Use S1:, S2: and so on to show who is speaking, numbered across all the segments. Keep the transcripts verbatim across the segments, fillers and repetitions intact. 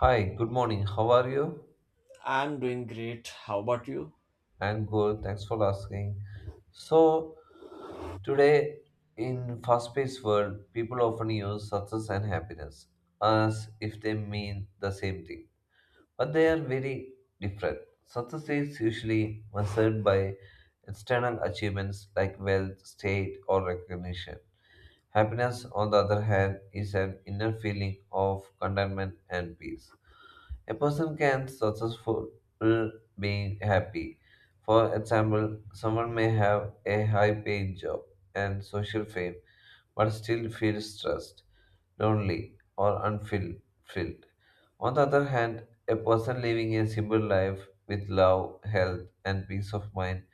S1: Hi, good morning. How are you?
S2: I'm doing great. How about you?
S1: I'm good. Thanks for asking. So, Today in fast-paced world, people often use success and happiness as if they mean the same thing, but they are very different. Success is usually measured by external achievements like wealth, state, or recognition. Happiness, on the other hand, is an inner feeling of contentment and peace. A person can successful being happy. For example, someone may have a high paying job and social fame but still feels stressed, lonely, or unfulfilled. On the other hand, a person living a simple life with love, health, and peace of mind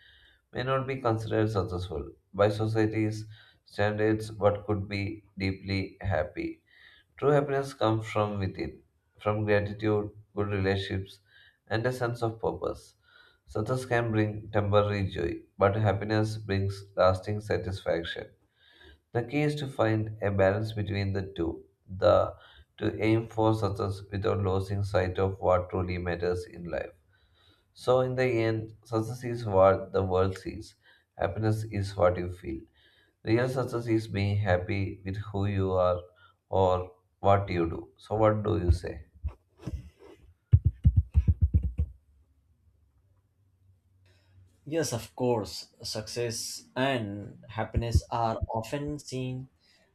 S1: may not be considered successful by society's standards but could be deeply happy. True happiness comes from within, from gratitude, good relationships, and a sense of purpose. Success can bring temporary joy, but happiness brings lasting satisfaction. The key is to find a balance between the two, the to aim for success without losing sight of what truly matters in life. So in the end, success is what the world sees. Happiness is what you feel. Real success is being happy with who you are or what you do. So, what do you say?
S2: Yes, of course. Success and happiness are often seen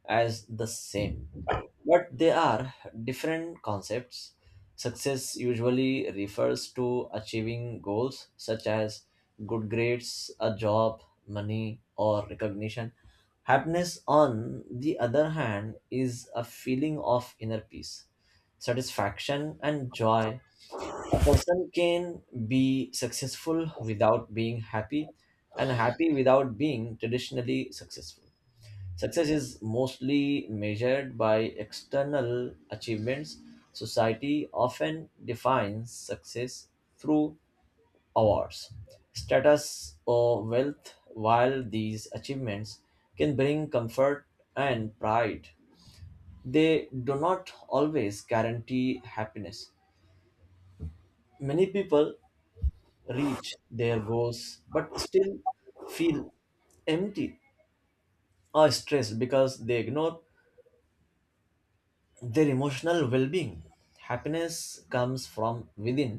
S2: as the same, but they are different concepts. Success usually refers to achieving goals such as good grades, a job, money, or recognition. Happiness, on the other hand, is a feeling of inner peace, satisfaction, and joy. A person can be successful without being happy, and happy without being traditionally successful. Success is mostly measured by external achievements. Society often defines success through awards, status, or wealth, while these achievements can bring comfort and pride. They do not always guarantee happiness. Many people reach their goals but still feel empty or stressed because they ignore their emotional well-being. Happiness comes from within.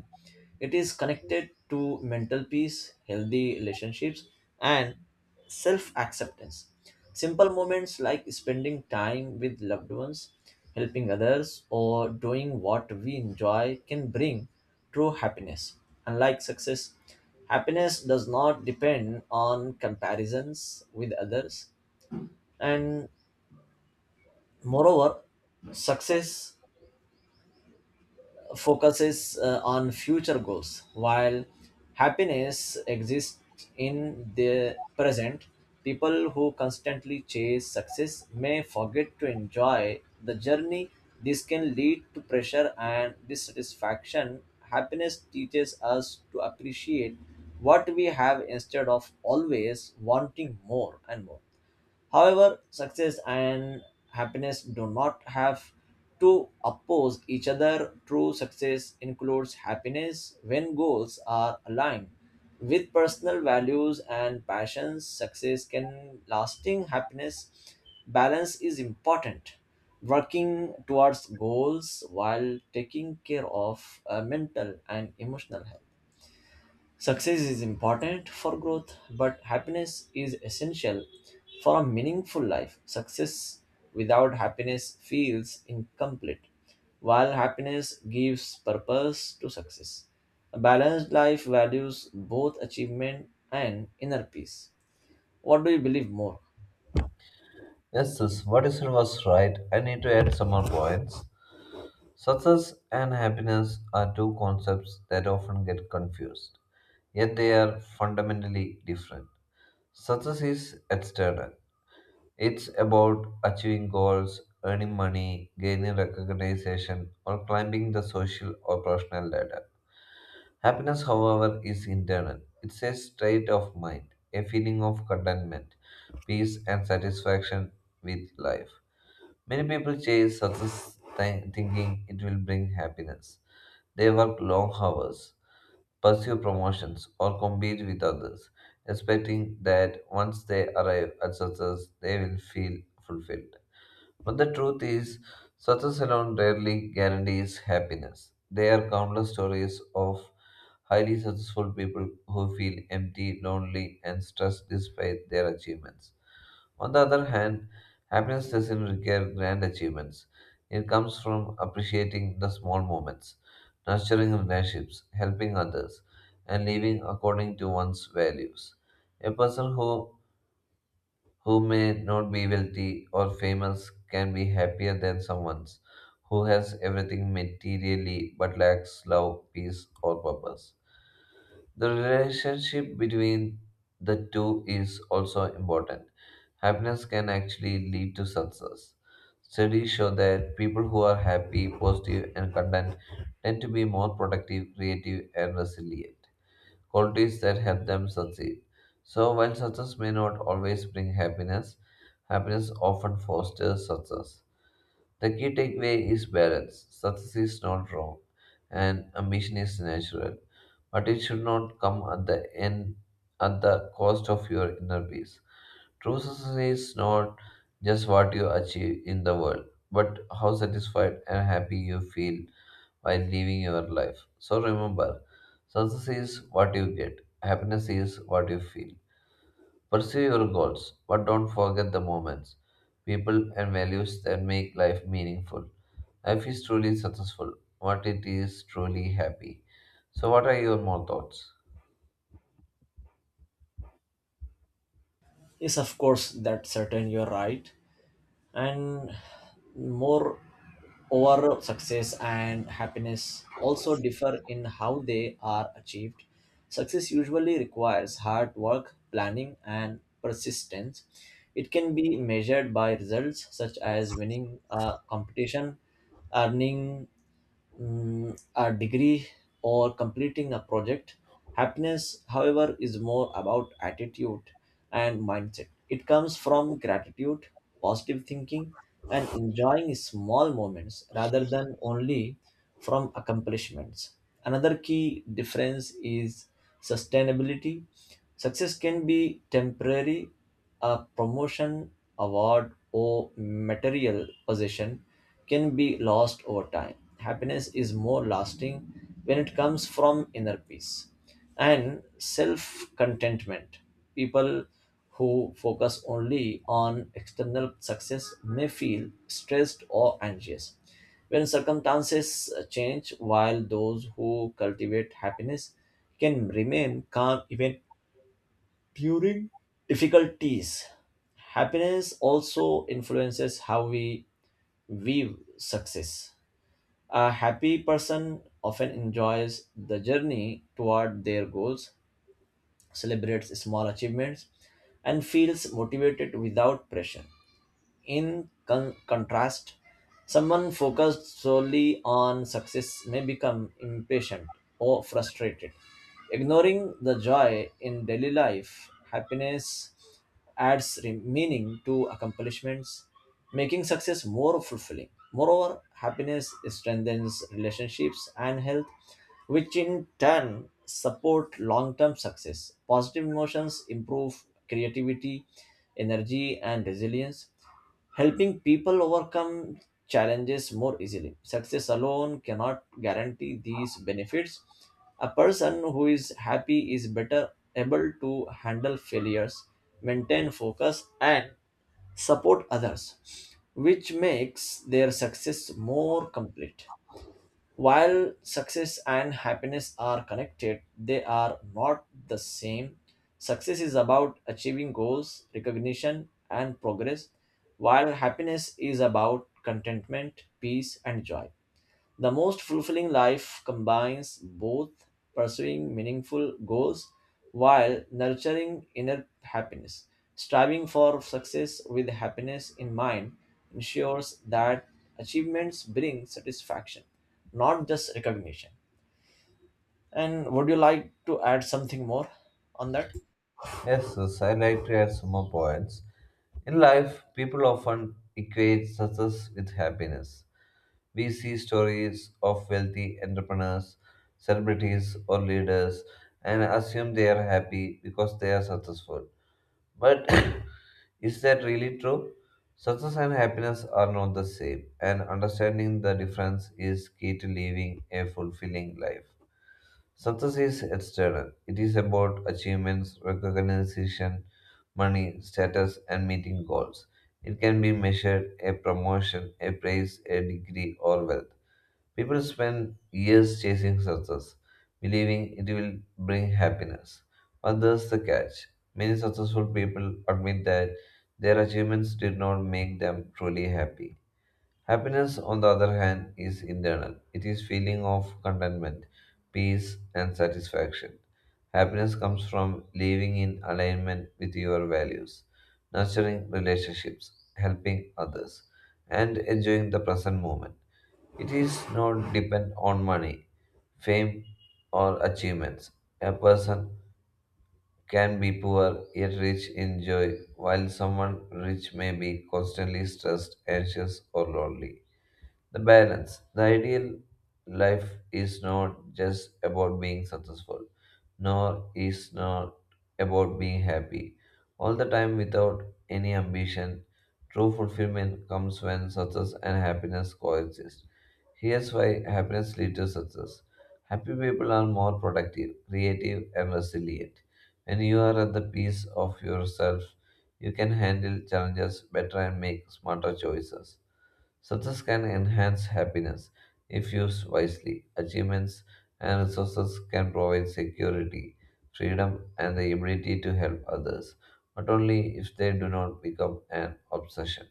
S2: It is connected to mental peace, healthy relationships, and self-acceptance. Simple moments like spending time with loved ones, helping others, or doing what we enjoy can bring true happiness. Unlike success, happiness does not depend on comparisons with others. And moreover, success focuses uh, on future goals, while happiness exists in the present. People who constantly chase success may forget to enjoy the journey. This can lead to pressure and dissatisfaction. Happiness teaches us to appreciate what we have instead of always wanting more and more. However, success and happiness do not have to oppose each other. True success includes happiness when goals are aligned with personal values and passions. Success can lasting happiness. Balance is important. Working towards goals while taking care of uh, mental and emotional health. Success is important for growth, but happiness is essential for a meaningful life. Success without happiness feels incomplete, while happiness gives purpose to success. A balanced life values both achievement and inner peace. What do you believe more?
S1: Yes, sis, what you said was right. I need to add some more points. Success and happiness are two concepts that often get confused, yet they are fundamentally different. Success is external, it's about achieving goals, earning money, gaining recognition, or climbing the social or professional ladder. Happiness, however, is internal. It's a state of mind, a feeling of contentment, peace, and satisfaction with life. Many people chase success thi- thinking it will bring happiness. They work long hours, pursue promotions, or compete with others, expecting that once they arrive at success, they will feel fulfilled. But the truth is, success alone rarely guarantees happiness. There are countless stories of highly successful people who feel empty, lonely, and stressed despite their achievements. On the other hand, happiness doesn't require grand achievements. It comes from appreciating the small moments, nurturing relationships, helping others, and living according to one's values. A person who, who may not be wealthy or famous can be happier than someone who has everything materially but lacks love, peace, or purpose. The relationship between the two is also important. Happiness can actually lead to success. Studies show that people who are happy, positive, and content tend to be more productive, creative, and resilient. Qualities that help them succeed. So, while success may not always bring happiness, happiness often fosters success. The key takeaway is balance. Success is not wrong, and ambition is natural but it should not come at the end at the cost of your inner peace. True success is not just what you achieve in the world, but how satisfied and happy you feel while living your life. So remember, success is what you get, happiness is what you feel. Pursue your goals, but don't forget the moments, people, and values that make life meaningful. Life is truly successful, what it is truly happy. So, what are your more thoughts?
S2: Yes, of course, that's certain, you're right. And more over success and happiness also differ in how they are achieved. Success usually requires hard work, planning, and persistence. It can be measured by results such as winning a competition, earning mm, a degree, or completing a project. Happiness, however, is more about attitude and mindset. It comes from gratitude, positive thinking, and enjoying small moments rather than only from accomplishments. Another key difference is sustainability. Success can be temporary. A promotion, award, or material possession can be lost over time. Happiness is more lasting when it comes from inner peace and self contentment. People who focus only on external success may feel stressed or anxious when circumstances change, while those who cultivate happiness can remain calm even during difficulties. Happiness also influences how we view success. A happy person often enjoys the journey toward their goals, celebrates small achievements, and feels motivated without pressure. In con- contrast, someone focused solely on success may become impatient or frustrated, ignoring the joy in daily life. Happiness adds re- meaning to accomplishments, making success more fulfilling. Moreover, happiness strengthens relationships and health, which in turn support long-term success. Positive emotions improve creativity, energy, and resilience, helping people overcome challenges more easily. Success alone cannot guarantee these benefits. A person who is happy is better able to handle failures, maintain focus, and support others, which makes their success more complete. While success and happiness are connected, they are not the same. Success is about achieving goals, recognition, and progress, while happiness is about contentment, peace, and joy. The most fulfilling life combines both, pursuing meaningful goals while nurturing inner happiness. Striving for success with happiness in mind ensures that achievements bring satisfaction, not just recognition. And would you like to add something more on that?
S1: Yes, yes, I like to add some more points. In life, people often equate success with happiness. We see stories of wealthy entrepreneurs, celebrities, or leaders and assume they are happy because they are successful. But is that really true? Success and happiness are not the same, and understanding the difference is key to living a fulfilling life. Success is external. It is about achievements, recognition, money, status, and meeting goals. It can be measured a promotion, a praise, a degree, or wealth. People spend years chasing success, believing it will bring happiness. But there's the catch. Many successful people admit that their achievements did not make them truly happy. Happiness, on the other hand, is internal. It is feeling of contentment, peace, and satisfaction. Happiness comes from living in alignment with your values, nurturing relationships, helping others, and enjoying the present moment. It is not dependent on money, fame, or achievements. A person can be poor yet rich in joy, while someone rich may be constantly stressed, anxious, or lonely. The balance. The ideal life is not just about being successful, nor is not about being happy all the time without any ambition. True fulfillment comes when success and happiness coexist. Here's why happiness leads to success. Happy people are more productive, creative, and resilient. When you are at the peace of yourself, you can handle challenges better and make smarter choices. Success can enhance happiness if used wisely. Achievements and resources can provide security, freedom, and the ability to help others, but only if they do not become an obsession.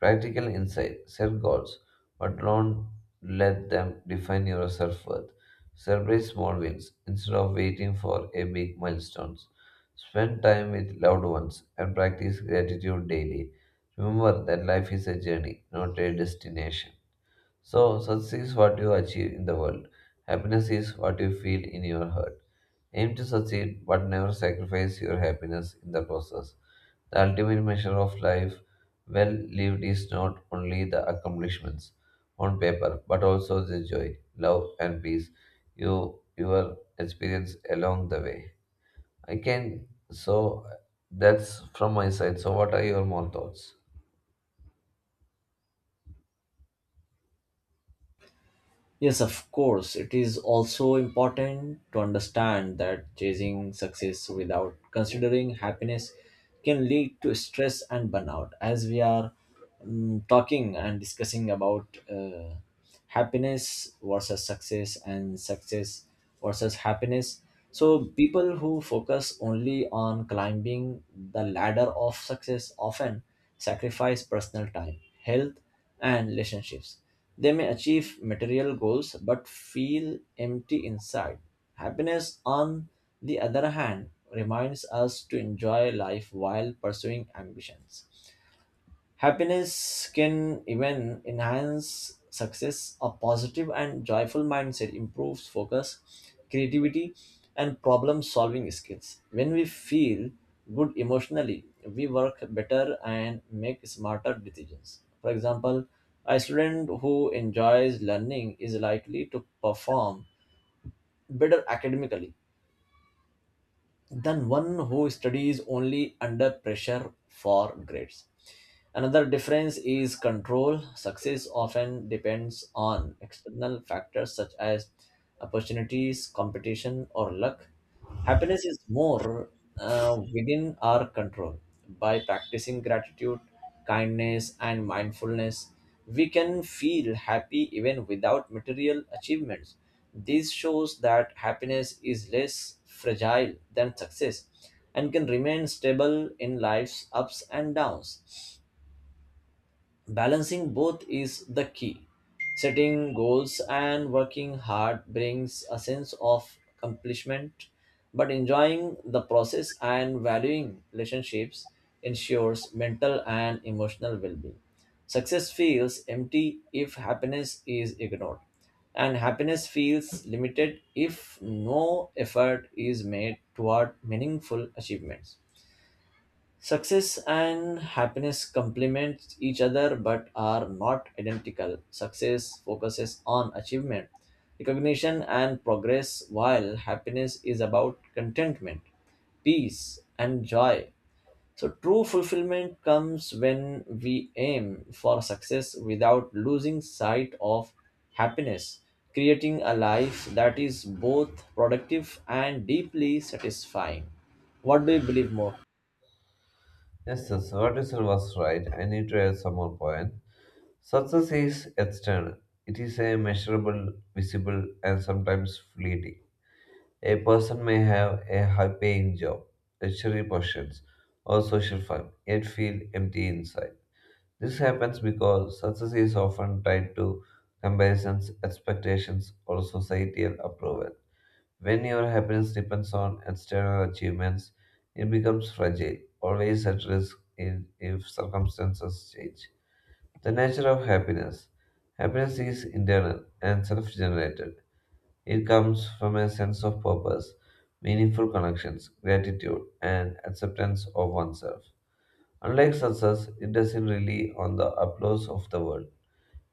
S1: Practical insight set goals, but don't let them define your self worth. Celebrate small wins instead of waiting for a big milestone. Spend time with loved ones and practice gratitude daily. Remember that life is a journey, not a destination. So, success is what you achieve in the world. Happiness is what you feel in your heart. Aim to succeed, but never sacrifice your happiness in the process. The ultimate measure of life well lived is not only the accomplishments on paper, but also the joy, love, and peace you you will experience along the way. I can so That's from my side. So what are your more thoughts?
S2: Yes, of course. It is also important to understand that chasing success without considering happiness can lead to stress and burnout. As we are mm, talking and discussing about uh, happiness versus success and success versus happiness, so people who focus only on climbing the ladder of success often sacrifice personal time, health, and relationships. They may achieve material goals but feel empty inside. Happiness, on the other hand, reminds us to enjoy life while pursuing ambitions. Happiness can even enhance success. A positive and joyful mindset improves focus, creativity, and problem solving skills. When we feel good emotionally, we work better and make smarter decisions. For example, a student who enjoys learning is likely to perform better academically than one who studies only under pressure for grades. Another difference is control. Success often depends on external factors such as opportunities, competition, or luck. Happiness is more uh, within our control. By practicing gratitude, kindness, and mindfulness, we can feel happy even without material achievements. This shows that happiness is less fragile than success and can remain stable in life's ups and downs. Balancing both is the key. Setting goals and working hard brings a sense of accomplishment, but enjoying the process and valuing relationships ensures mental and emotional well being. Success feels empty if happiness is ignored, and happiness feels limited if no effort is made toward meaningful achievements. Success and happiness complement each other but are not identical. Success focuses on achievement, recognition, and progress, while happiness is about contentment, peace, and joy. So, true fulfillment comes when we aim for success without losing sight of happiness, creating a life that is both productive and deeply satisfying. What do you believe more?
S1: Yes, yes, what you said was right. I need to add some more point. Success is external. It is a measurable, visible, and sometimes fleeting. A person may have a high paying job, luxury possessions, or social fame, yet feel empty inside. This happens because success is often tied to comparisons, expectations, or societal approval. When your happiness depends on external achievements, it becomes fragile, always at risk in, if circumstances change. The nature of happiness. Happiness is internal and self generated it comes from a sense of purpose, meaningful connections, gratitude, and acceptance of oneself. Unlike success, it doesn't rely on the applause of the world.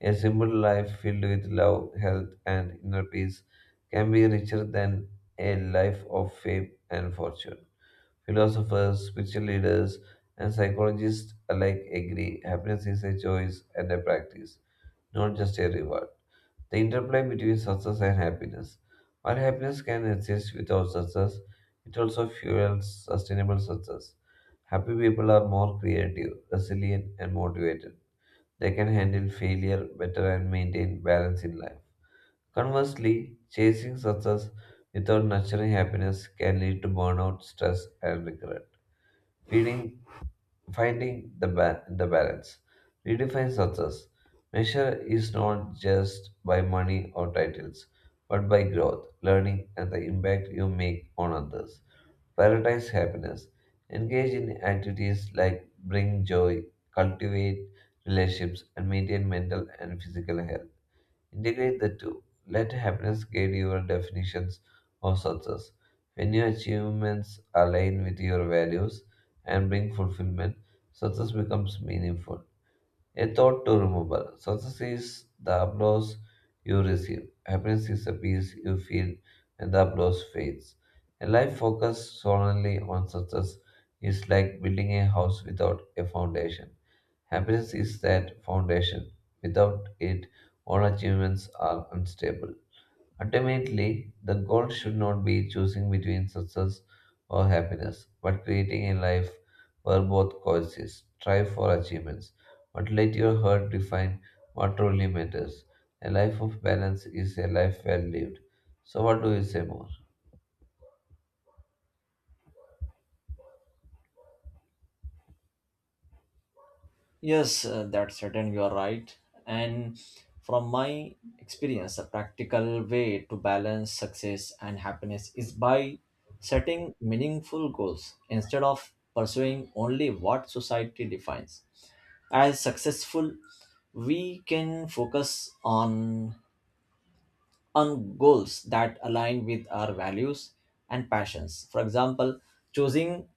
S1: A simple life filled with love, health, and inner peace can be richer than a life of fame and fortune. Philosophers, spiritual leaders, and psychologists alike agree happiness is a choice and a practice, not just a reward the interplay between success and happiness. While happiness can exist without success, it also fuels sustainable success. Happy people are more creative, resilient, and motivated. They can handle failure better and maintain balance in life. Conversely, chasing success without nurturing happiness can lead to burnout, stress, and regret. Feeling Finding the, ba- The balance. Redefine success. Measure is not just by money or titles, but by growth, learning, and the impact you make on others. Prioritize happiness. Engage in activities like bring joy, cultivate relationships, and maintain mental and physical health. Integrate the two. Let happiness guide your definitions of success. When your achievements align with your values and bring fulfillment, success becomes meaningful. A thought to remember. Success is the applause you receive. Happiness is the peace you feel when the applause fades. A life focused solely on success is like building a house without a foundation. Happiness is that foundation. Without it, all achievements are unstable. Ultimately, the goal should not be choosing between success or happiness, but creating a life where both coexist. Strive for achievements, but let your heart define what truly matters. A life of balance is a life well lived. So, what do you say more?
S2: Yes, uh, that's certain. You are right. And from my experience, a practical way to balance success and happiness is by setting meaningful goals instead of pursuing only what society defines as successful. We can focus on on goals that align with our values and passions. For example, choosing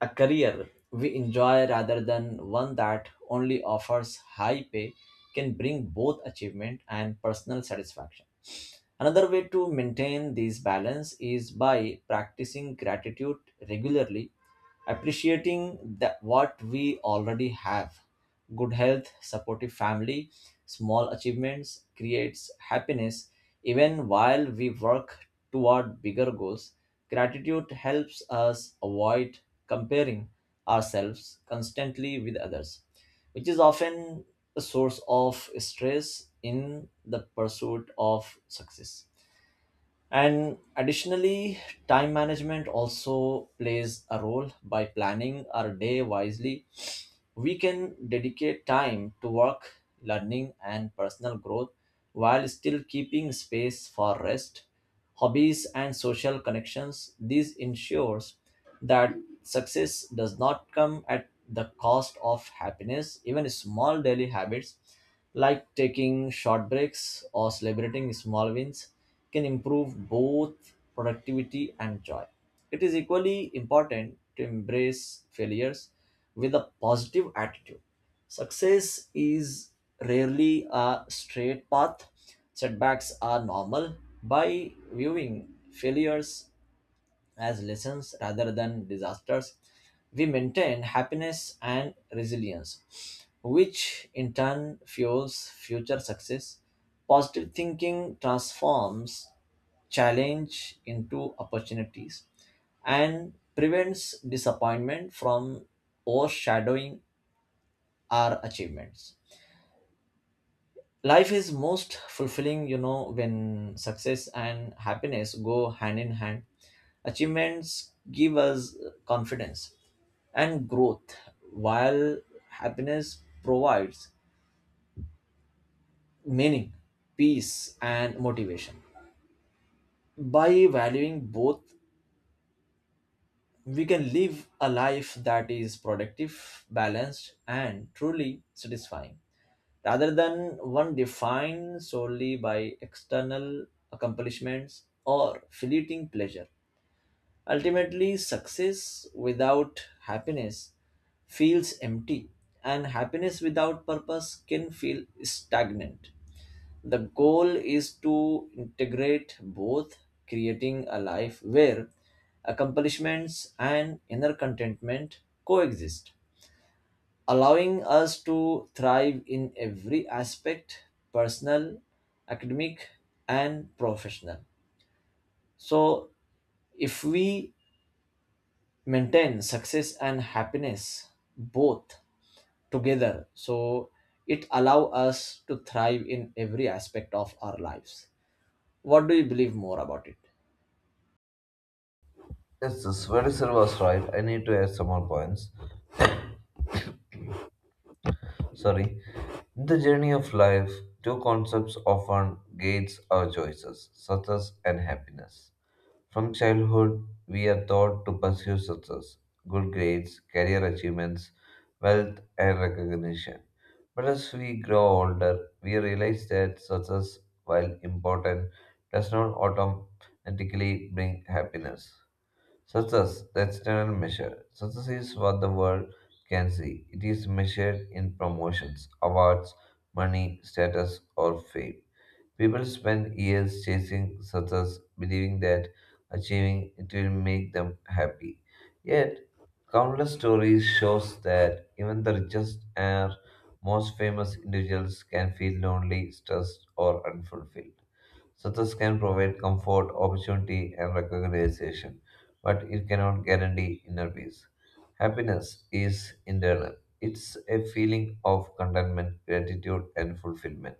S2: a career we enjoy rather than one that only offers high pay can bring both achievement and personal satisfaction. Another way to maintain this balance is by practicing gratitude regularly, appreciating that what we already have, good health, supportive family, small achievements, creates happiness even while we work toward bigger goals. Gratitude helps us avoid comparing ourselves constantly with others, which is often a source of stress in the pursuit of success. And additionally, time management also plays a role. By planning our day wisely, we can dedicate time to work, learning, and personal growth while still keeping space for rest, hobbies, and social connections. This ensures that success does not come at the cost of happiness. Even small daily habits like taking short breaks or celebrating small wins can improve both productivity and joy. It is equally important to embrace failures with a positive attitude. Success is rarely a straight path. Setbacks are normal. By viewing failures as lessons rather than disasters, we maintain happiness and resilience, which in turn fuels future success. Positive thinking transforms challenge into opportunities and prevents disappointment from overshadowing our achievements. Life is most fulfilling, you know, when success and happiness go hand in hand. Achievements give us confidence and growth, while happiness provides meaning, peace, and motivation. By valuing both, we can live a life that is productive, balanced, and truly satisfying, rather than one defined solely by external accomplishments or fleeting pleasure. Ultimately, success without happiness feels empty, and happiness without purpose can feel stagnant. The goal is to integrate both, creating a life where accomplishments and inner contentment coexist, allowing us to thrive in every aspect, personal, academic, and professional. So, if we maintain success and happiness both together, so it allow us to thrive in every aspect of our lives. What do you believe more about it?
S1: Yes, this very silver was right. I need to add some more points. Sorry. In the journey of life, two concepts often gates our choices, success and happiness. From childhood, we are taught to pursue success, good grades, career achievements, wealth, and recognition. But as we grow older, we realize that success, while important, does not automatically bring happiness. Success, the external measure. Success is what the world can see. It is measured in promotions, awards, money, status, or fame. People spend years chasing success, believing that achieving it will make them happy. Yet, countless stories shows that even the richest and most famous individuals can feel lonely, stressed, or unfulfilled. Success can provide comfort, opportunity, and recognition, but it cannot guarantee inner peace. Happiness is internal, it's a feeling of contentment, gratitude, and fulfillment.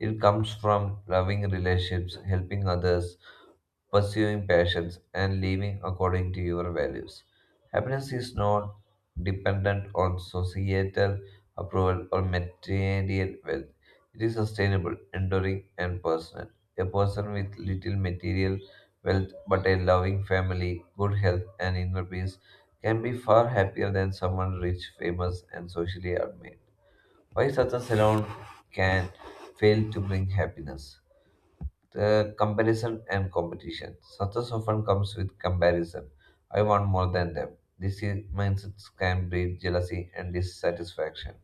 S1: It comes from loving relationships, helping others, pursuing passions, and living according to your values. Happiness is not dependent on societal approval or material wealth. It is sustainable, enduring, and personal. A person with little material wealth but a loving family, good health, and inner peace can be far happier than someone rich, famous, and socially admired. Why success alone can fail to bring happiness? The comparison and competition. Success often comes with comparison. I want more than them. This i- mindsets can breed jealousy and dissatisfaction.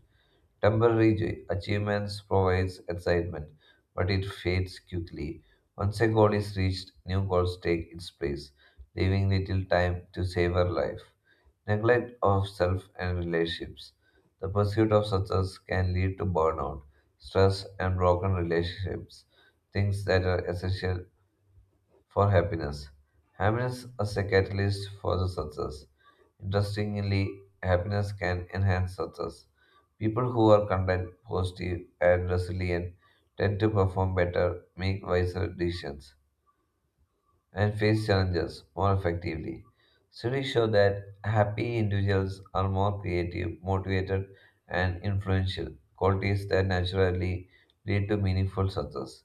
S1: Temporary j- achievements provides excitement, but it fades quickly. Once a goal is reached, new goals take its place, leaving little time to savor life. Neglect of self and relationships. The pursuit of success can lead to burnout, stress, and broken relationships, things that are essential for happiness. Happiness as a catalyst for the success. Interestingly, happiness can enhance success. People who are content, positive, and resilient tend to perform better, make wiser decisions, and face challenges more effectively. Studies show that happy individuals are more creative, motivated, and influential, qualities that naturally lead to meaningful success.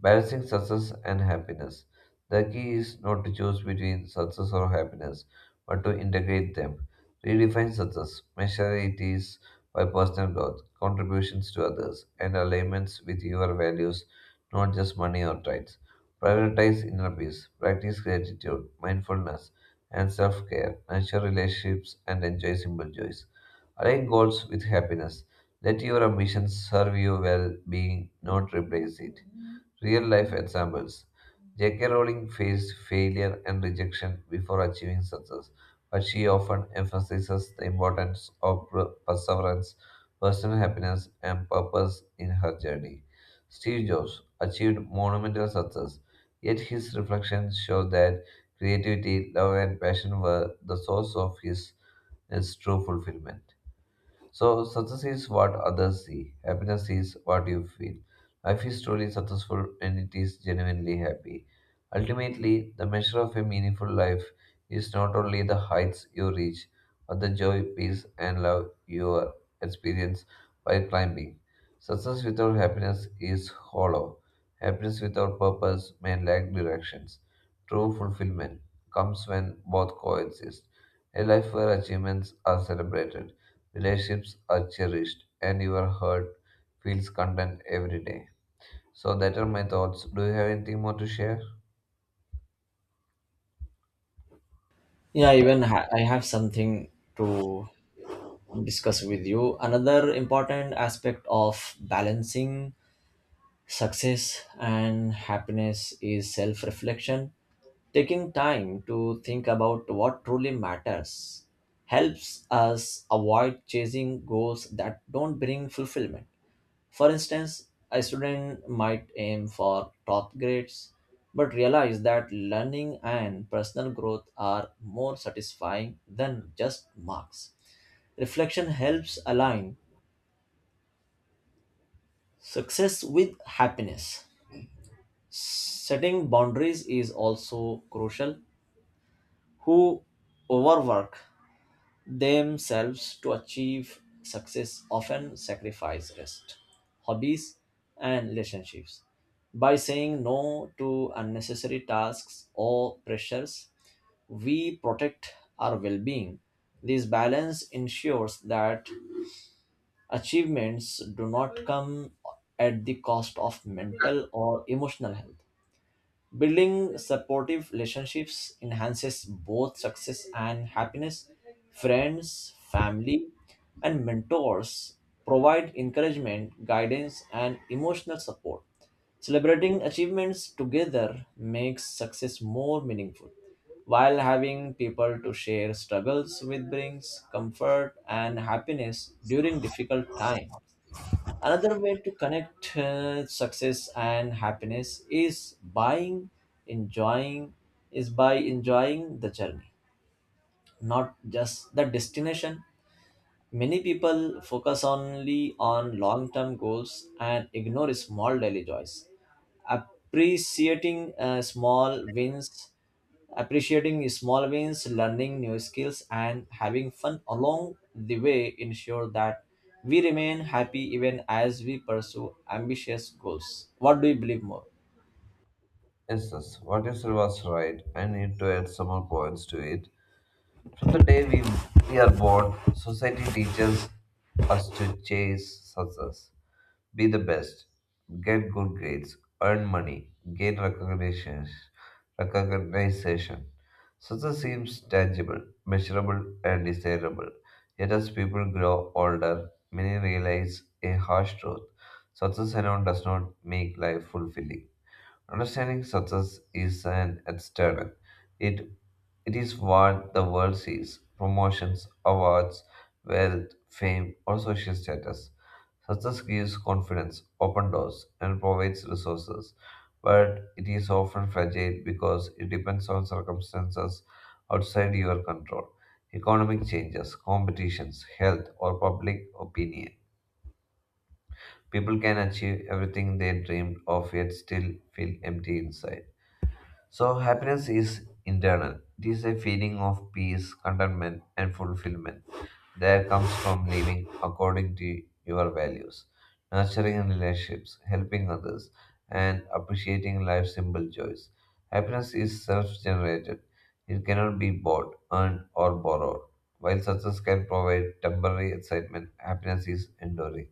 S1: Balancing success and happiness. The key is not to choose between success or happiness, but to integrate them. Redefine success, measure it is by personal growth, contributions to others, and alignments with your values, not just money or titles. Prioritize inner peace, practice gratitude, mindfulness, and self care, nurture relationships, and enjoy simple joys. Align goals with happiness. Let your ambitions serve your well being, not replace it. Real life examples: J K. Rowling faced failure and rejection before achieving success, but she often emphasizes the importance of per- perseverance, personal happiness, and purpose in her journey. Steve Jobs achieved monumental success. Yet his reflections show that creativity, love, and passion were the source of his, his true fulfillment. So, success is what others see, happiness is what you feel. Life is truly successful when it is genuinely happy. Ultimately, the measure of a meaningful life is not only the heights you reach, but the joy, peace, and love you experience by climbing. Success without happiness is hollow. Happiness without purpose may lack directions. True fulfillment comes when both coexist. A life where achievements are celebrated, relationships are cherished, and your heart feels content every day. So that are my thoughts. Do you have anything more to share?
S2: Yeah even ha- i have something to discuss with you. Another important aspect of balancing success and happiness is self reflection. Taking time to think about what truly matters helps us avoid chasing goals that don't bring fulfillment. For instance, a student might aim for top grades but realize that learning and personal growth are more satisfying than just marks. Reflection helps align success with happiness. Setting boundaries is also crucial. Who overwork themselves to achieve success often sacrifice rest, hobbies, and relationships. By saying no to unnecessary tasks or pressures, we protect our well being. This balance ensures that achievements do not come at the cost of mental or emotional health. Building supportive relationships enhances both success and happiness. Friends, family, and mentors provide encouragement, guidance, and emotional support. Celebrating achievements together makes success more meaningful, while having people to share struggles with brings comfort and happiness during difficult times. Another way to connect uh, success and happiness is buying, enjoying, is by enjoying the journey, not just the destination. Many people focus only on long-term goals and ignore small daily joys. Appreciating uh, small wins Appreciating small wins, learning new skills, and having fun along the way ensure that we remain happy even as we pursue ambitious goals. What do you believe more?
S1: Yes, yes. What you said was right. I need to add some more points to it. From the day we, we are born, society teaches us to chase success. Be the best, get good grades, earn money, gain recognition, recognition. Success seems tangible, measurable, and desirable. Yet as people grow older, many realize a harsh truth. Success alone does not make life fulfilling. Understanding success is an external. It it is what the world sees: promotions, awards, wealth, fame, or social status. Success gives confidence, open doors, and provides resources, but it is often fragile because it depends on circumstances outside your control. Economic changes, competitions, health, or public opinion. People can achieve everything they dreamed of yet still feel empty inside. So, happiness is internal. It is a feeling of peace, contentment, and fulfillment that comes from living according to your values, nurturing relationships, helping others, and appreciating life's simple joys. Happiness is self generated, it cannot be bought, earned, or borrowed. While success can provide temporary excitement, happiness is enduring.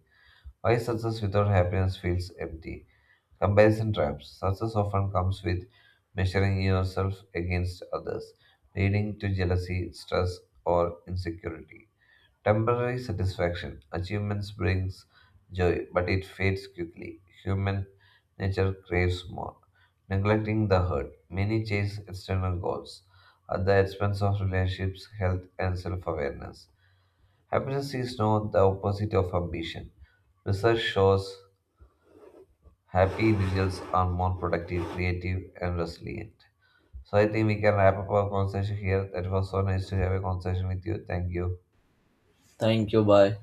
S1: Why success without happiness feels empty? Comparison traps. Success often comes with measuring yourself against others, leading to jealousy, stress, or insecurity. Temporary satisfaction. Achievements brings joy, but it fades quickly. Human nature craves more. Neglecting the hurt. Many chase external goals at the expense of relationships, health, and self-awareness. Happiness is not the opposite of ambition. Research shows happy individuals are more productive, creative, and resilient. So I think we can wrap up our conversation here. That was so nice to have a conversation with you. Thank you.
S2: Thank you. Bye.